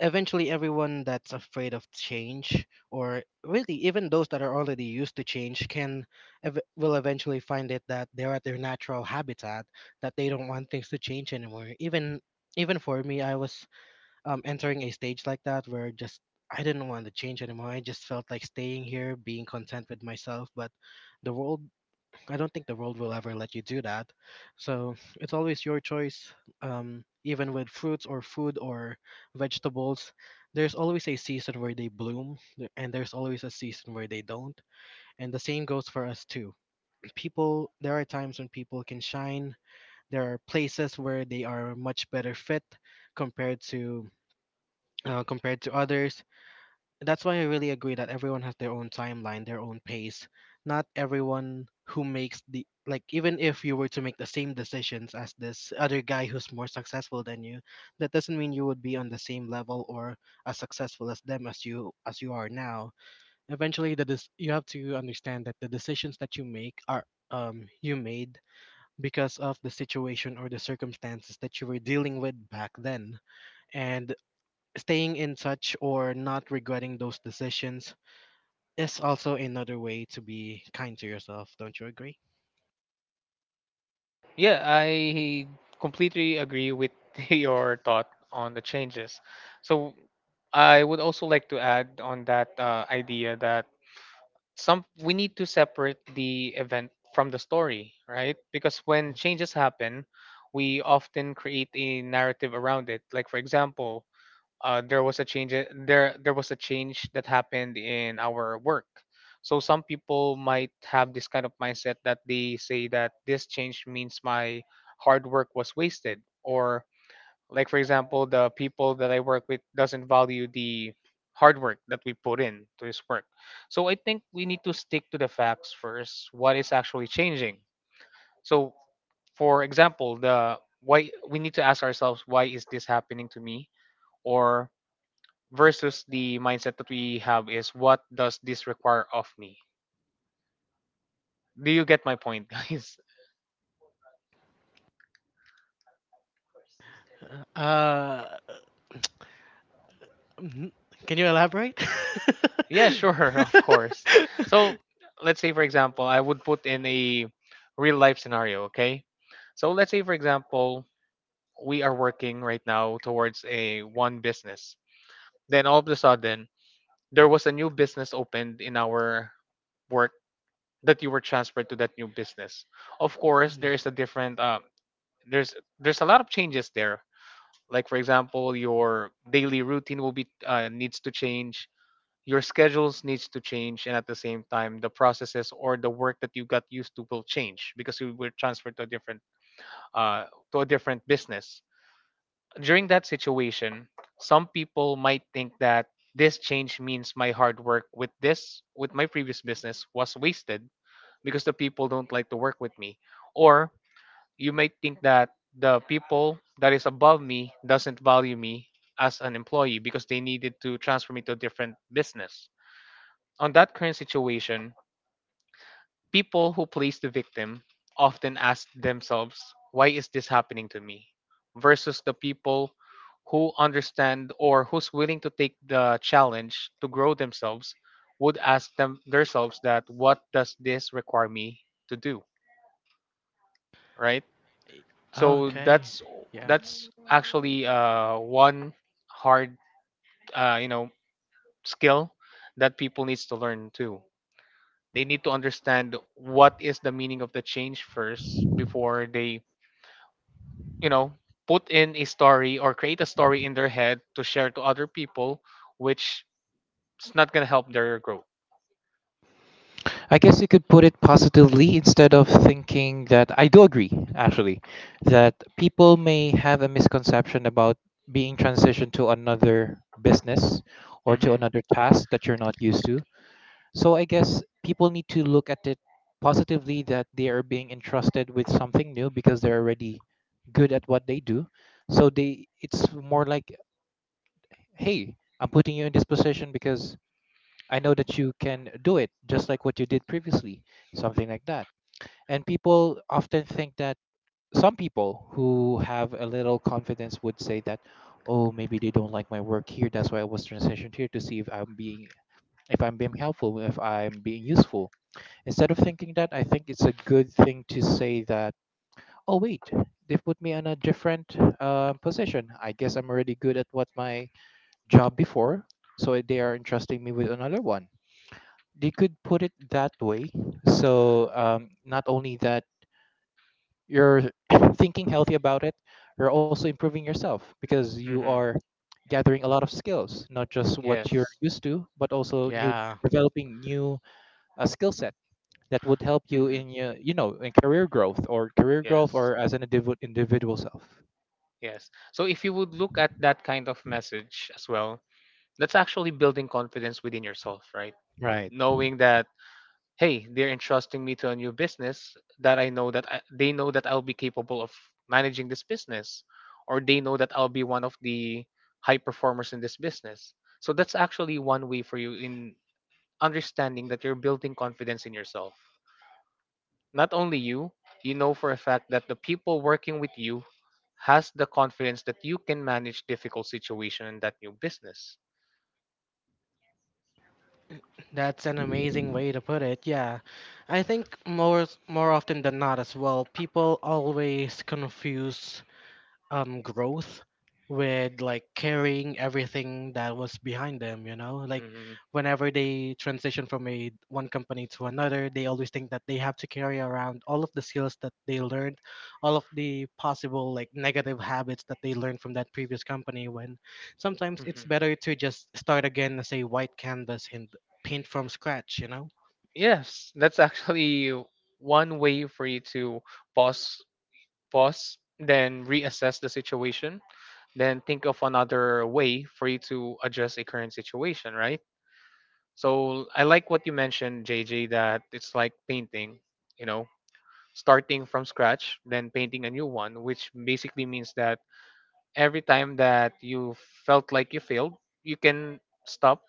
S1: eventually everyone that's afraid of change, or really even those that are already used to change, can will eventually find it that they're at their natural habitat, that they don't want things to change anymore. Even for me, I was entering a stage like that where just I didn't want to change anymore. I just felt like staying here, being content with myself. But the world, I don't think the world will ever let you do that. So it's always your choice. Even with fruits or food or vegetables, there's always a season where they bloom, and there's always a season where they don't. And the same goes for us too. People, there are times when people can shine. There are places where they are much better fit compared to compared to others. That's why I really agree that everyone has their own timeline, their own pace. Not everyone who makes the like even if you were to make the same decisions as this other guy who's more successful than you, that doesn't mean you would be on the same level or as successful as them as you are now. Eventually, you have to understand that the decisions that you make are you made because of the situation or the circumstances that you were dealing with back then, and staying in touch or not regretting those decisions is also another way to be kind to yourself. Don't you agree?
S3: Yeah, I completely agree with your thought on the changes. So I would also like to add on that idea that some, we need to separate the event from the story, right? Because when changes happen, we often create a narrative around it. Like for example, there was a change in- there was a change that happened in our work. So some people might have this kind of mindset that they say that this change means my hard work was wasted, or like for example, the people that I work with doesn't value the hard work that we put in to this work. So I think we need to stick to the facts first, what is actually changing. So for example, the why, we need to ask ourselves, why is this happening to me? Or versus the mindset that we have is, what does this require of me? Do you get my point, guys?
S1: Uh, mhm. Can you elaborate?
S3: Yeah, sure, of course. So let's say, for example, I would put in a real life scenario, okay? So let's say, for example, we are working right now towards a one business. Then all of a sudden, there was a new business opened in our work that you were transferred to that new business. Of course,
S1: Mm,
S3: there is a different there's a lot of changes there. Like for example, your daily routine will be needs to change, your schedules needs to change, and at the same time the processes or the work that you got used to will change because you were transferred to a uh, different business. During that situation, some people might think that this change means my hard work with my previous business was wasted because the people don't like to work with me, or you may think that the people that is above me doesn't value me as an employee because they needed to transfer me to a different business. On that current situation, people who place the victim often ask themselves, why is this happening to me? Versus the people who understand or who's willing to take the challenge to grow themselves would ask themselves that, what does this require me to do, right? So
S1: okay. Yeah.
S3: that's actually one hard, uh, you know skill that people needs to learn too. They need to understand what is the meaning of the change first before they, you know put in a story or create a story in their head to share to other people, which is not going to help their growth.
S2: I guess you could put it positively instead of thinking that. I do agree actually that people may have a misconception about being transitioned to another business or to
S3: Hmm.
S2: another task that you're not used to. So I guess people need to look at it positively, that they are being entrusted with something new because they're already good at what they do. So they, it's more like, hey, I'm putting you in this position because I know that you can do it just like what you did previously, something like that. And people often think that, some people who have a little confidence would say that, oh, maybe they don't like my work here. That's why I was transitioned here, to see if I'm being helpful, if I'm being useful. Instead of thinking that, I think it's a good thing to say that, oh, wait, they put me on a different position. I guess I'm already good at what my job before, so they are entrusting me with another one. They could put it that way. So not only that you're thinking healthy about it, you're also improving yourself because you
S3: Hmm.
S2: are gathering a lot of skills, not just what you're
S3: Yes.
S2: used to, but also new
S1: Yeah.
S2: developing new skill sets that would help you
S3: Hmm.
S2: in your, you know, in career growth, or career growth,
S3: Yes.
S2: or as an individual self.
S3: Yes. So if you would look at that kind of message as well, that's actually building confidence within yourself, right?
S2: Right,
S3: Knowing that, hey, they're entrusting me to a new business that I know that I, they know that I'll be capable of managing this business, or they know that I'll be one of the high performers in this business. So that's actually one way for you in understanding that you're building confidence in yourself. Not only you, you know, for a fact that the people working with you has the confidence that you can manage difficult situation in that new business.
S1: That's an amazing way to put it. Yeah. I think more more often than not as well, people always confuse growth with like carrying everything that was behind them, you know, like
S3: Mhm,
S1: whenever they transition from a one company to another, they always think that they have to carry around all of the skills that they learned, all of the possible like negative habits that they learned from that previous company, when sometimes it's
S3: mhm.
S1: better to just start again as a white canvas and paint from scratch, you know?
S3: Yes, that's actually one way for you to pause, pause, then reassess the situation, then think of another way for you to address a current situation, right? So I like what you mentioned, JJ, that it's like painting, you know, starting from scratch, then painting a new one, which basically means that every time that you felt like you failed, you can stop,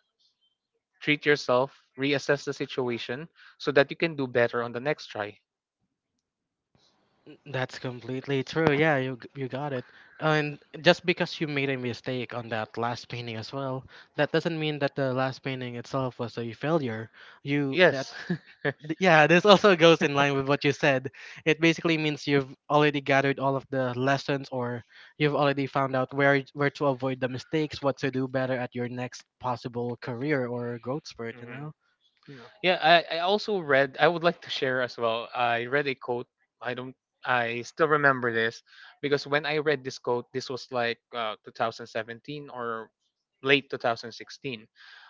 S3: treat yourself, reassess the situation so that you can do better on the next try.
S1: That's completely true. Yeah, you got it. And just because you made a mistake on that last painting as well, that doesn't mean that the last painting itself was a failure. You that
S3: Yes.
S1: yeah, this also goes in line with what you said. It basically means you've already gathered all of the lessons, or you've already found out where to avoid the mistakes, what to do better at your next possible career or growth spurt, you
S3: Mhm.
S1: know? Yeah.
S3: Yeah, I also read, I would like to share as well. I read a quote. I don't, I still remember this because when I read this quote, this was like 2017 or late 2016.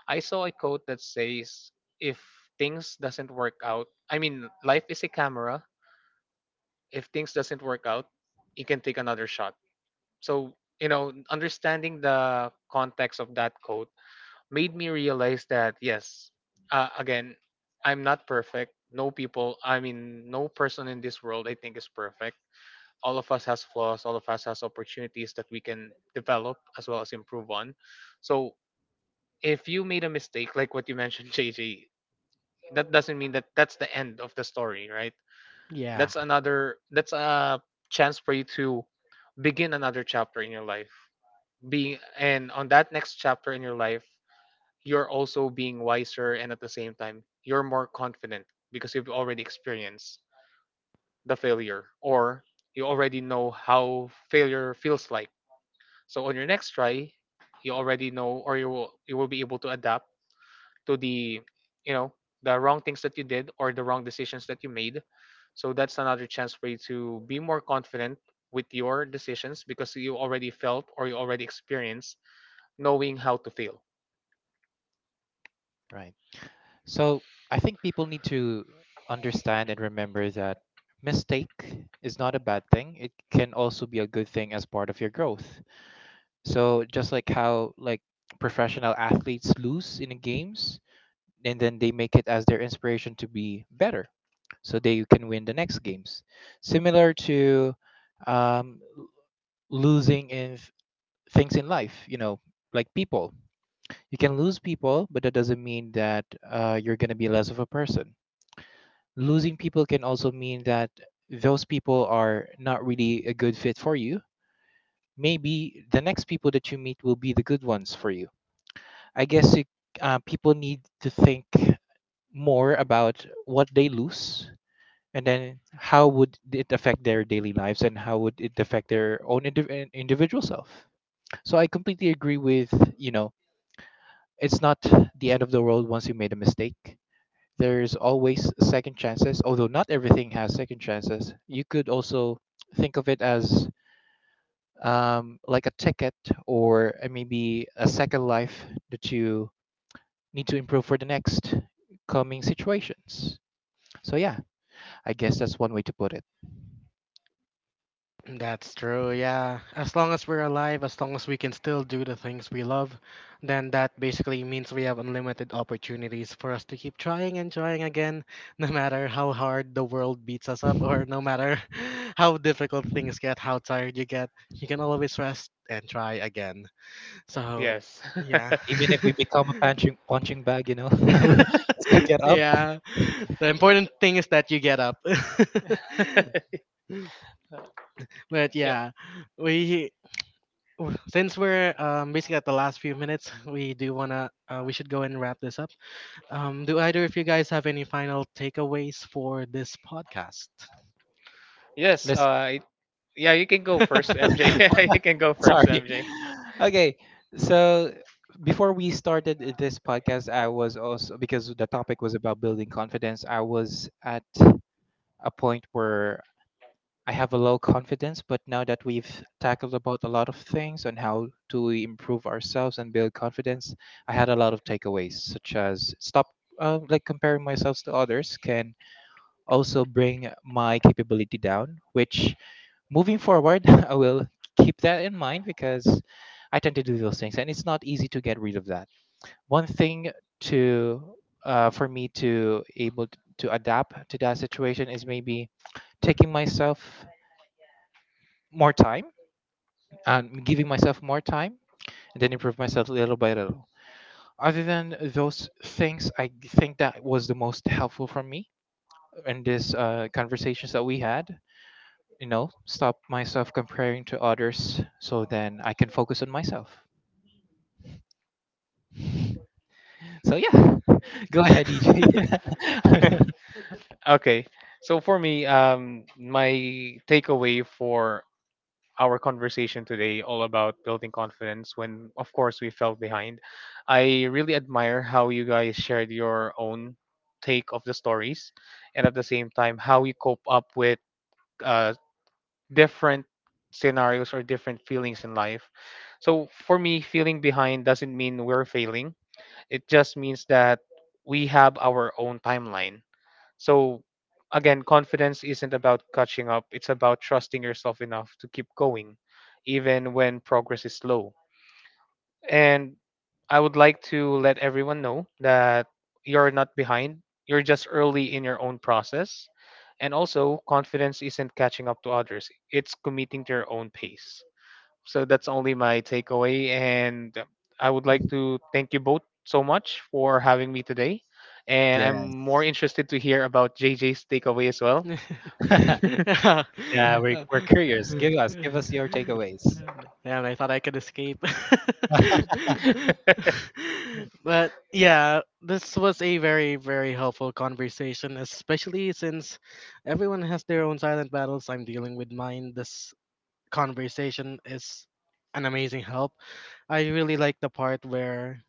S3: I saw a quote that says, if things doesn't work out, I mean, life is a camera. If things doesn't work out, you can take another shot. So, you know, understanding the context of that quote, made me realize that yes, again, I'm not perfect. No person in this world I think is perfect. All of us has flaws. All of us has opportunities that we can develop as well as improve on. So if you made a mistake, like what you mentioned, JJ, that doesn't mean that that's the end of the story, right?
S1: Yeah.
S3: That's another. That's a chance for you to begin another chapter in your life. Being and on that next chapter in your life, you're also being wiser and at the same time you're more confident because you've already experienced the failure, or you already know how failure feels like. So on your next try, you already know, or you will be able to adapt to the, you know the wrong things that you did or the wrong decisions that you made. So that's another chance for you to be more confident with your decisions because you already felt or you already experienced knowing how to fail.
S2: right. So I think people need to understand and remember that mistake is not a bad thing. It can also be a good thing as part of your growth. So just like how, like professional athletes lose in the games, and then they make it as their inspiration to be better so they can win the next games. Similar to, um, losing in things in life, you know, like people. You can lose people, but that doesn't mean that you're going to be less of a person. Losing people can also mean that those people are not really a good fit for you. Maybe the next people that you meet will be the good ones for you. I guess it, people need to think more about what they lose, and then how would it affect their daily lives and how would it affect their own individual self. So I completely agree with, you know, it's not the end of the world once you made a mistake. There's always second chances, although not everything has second chances. You could also think of it as like a ticket, or maybe a second life that you need to improve for the next coming situations. So, yeah, I guess that's one way to put
S1: That's true, yeah. As long as we're alive, as long as we can still do the things we love, then that basically means we have unlimited opportunities for us to keep trying and trying again, no matter how hard the world beats us up, or
S2: it.
S1: no matter how difficult things get, how tired you get, you can always rest and try again. So,
S3: Yes.
S1: yeah.
S2: Even if we become a punching bag, you know, we still get up.
S1: Yeah. The important thing is that you get up. But
S3: Yeah.
S1: yeah, we since we're basically at the last few minutes, we do wanna we should go and wrap this up. Do either of you guys have any final takeaways for this podcast?
S3: Yes.
S2: Let's,
S3: Yeah. You can go first, MJ. Yeah. You can go first,
S2: sorry.
S3: MJ.
S2: Okay, so before we started this podcast, I was also, because the topic was about building confidence, I was at a point where I have a low confidence, but now that we've tackled about a lot of things on how to improve ourselves and build confidence, I had a lot of takeaways, such as stop, like comparing myself to others can also bring my capability down. Which, moving forward, I will keep that in mind because I tend to do those things, and it's not easy to get rid of that. One thing to, for me to able to adapt to that situation is maybe taking myself more time and giving myself more time, and then improve myself little by little. Other than those things, I think that was the most helpful for me in this conversations that we had. You know, stop myself comparing to others so then I can focus on myself. So yeah, go ahead, EJ.
S3: Okay. So for me, my takeaway for our conversation today all about building confidence when, of course, we fell behind. I really admire how you guys shared your own take of the stories and at the same time how you cope up with uh, different scenarios or different feelings in life. So, for me, feeling behind doesn't mean we're failing, it just means that we have our own timeline. So again, confidence isn't about catching up. It's about trusting yourself enough to keep going, even when progress is slow. And I would like to let everyone know that you're not behind. You're just early in your own process. And also, confidence isn't catching up to others. It's committing to your own pace. So that's only my takeaway. And I would like to thank you both so much for having me today. And I'm more
S2: Yes.
S3: interested to hear about JJ's takeaway as well.
S1: Damn,
S2: Yeah, we're curious. Give us your takeaways.
S1: I thought I could escape. But yeah, this was a very, very helpful conversation, especially since everyone has their own silent battles. I'm dealing with mine. This conversation is an amazing help. I really like the part where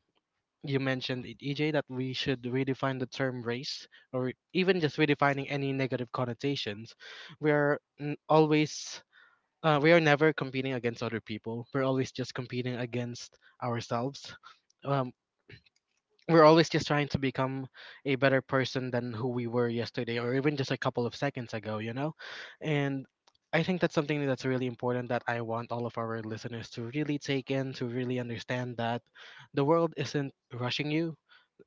S1: you mentioned it, EJ, that we should redefine the term race, or even just redefining any negative connotations. We are always, we are never competing against other people. We're always just competing against ourselves. Um, we're always just trying to become a better person than who we were yesterday, or even just a couple of seconds ago, you know? And I think that's something that's really important, that I want all of our listeners to really take in, to really understand that the world isn't rushing you,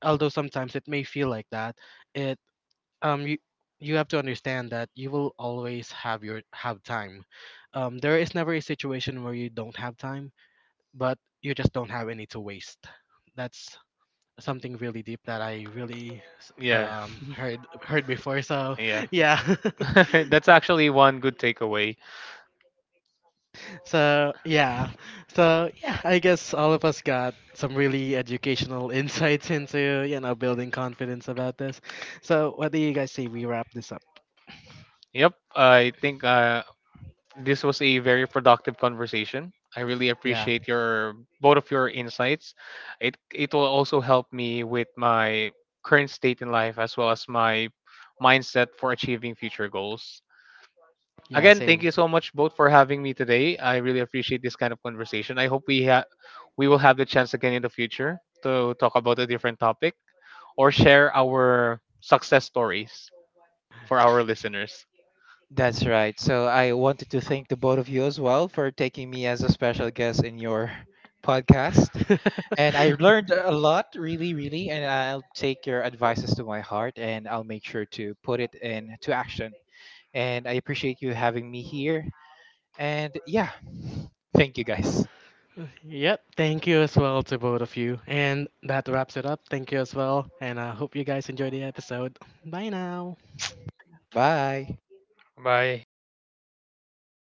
S1: although sometimes it may feel like that. It You you have to understand that you will always have time. There is never a situation where you don't have time, but you just don't have any to waste. That's something really deep that I really
S3: Yeah.
S1: heard heard before. So
S3: Yeah.
S1: yeah,
S3: That's actually one good takeaway.
S1: so yeah, so yeah. I guess all of us got some really educational insights into, you know, building confidence about this. So what do you guys say we wrap this up?
S3: Yep. I think this was a very productive conversation. I really
S1: Yeah,
S3: appreciate your, both of your insights. It will also help me with my current state in life as well as my mindset for achieving future goals.
S1: yeah,
S3: Again, thank
S1: same.
S3: you so much both for having me today. I really appreciate this kind of conversation. I hope we will have the chance again in the future to talk about a different topic or share our success stories for our listeners.
S2: That's right. So I wanted to thank the both of you as well for taking me as a special guest in your podcast. And I learned a lot, really, really. And I'll take your advices to my heart, and I'll make sure to put it into action. And I appreciate you having me here. And yeah, thank you guys.
S1: Yep, thank you as well to both of you. And that wraps it up. Thank you as well. And I hope you guys enjoy the episode. Bye now.
S2: Bye.
S3: Bye.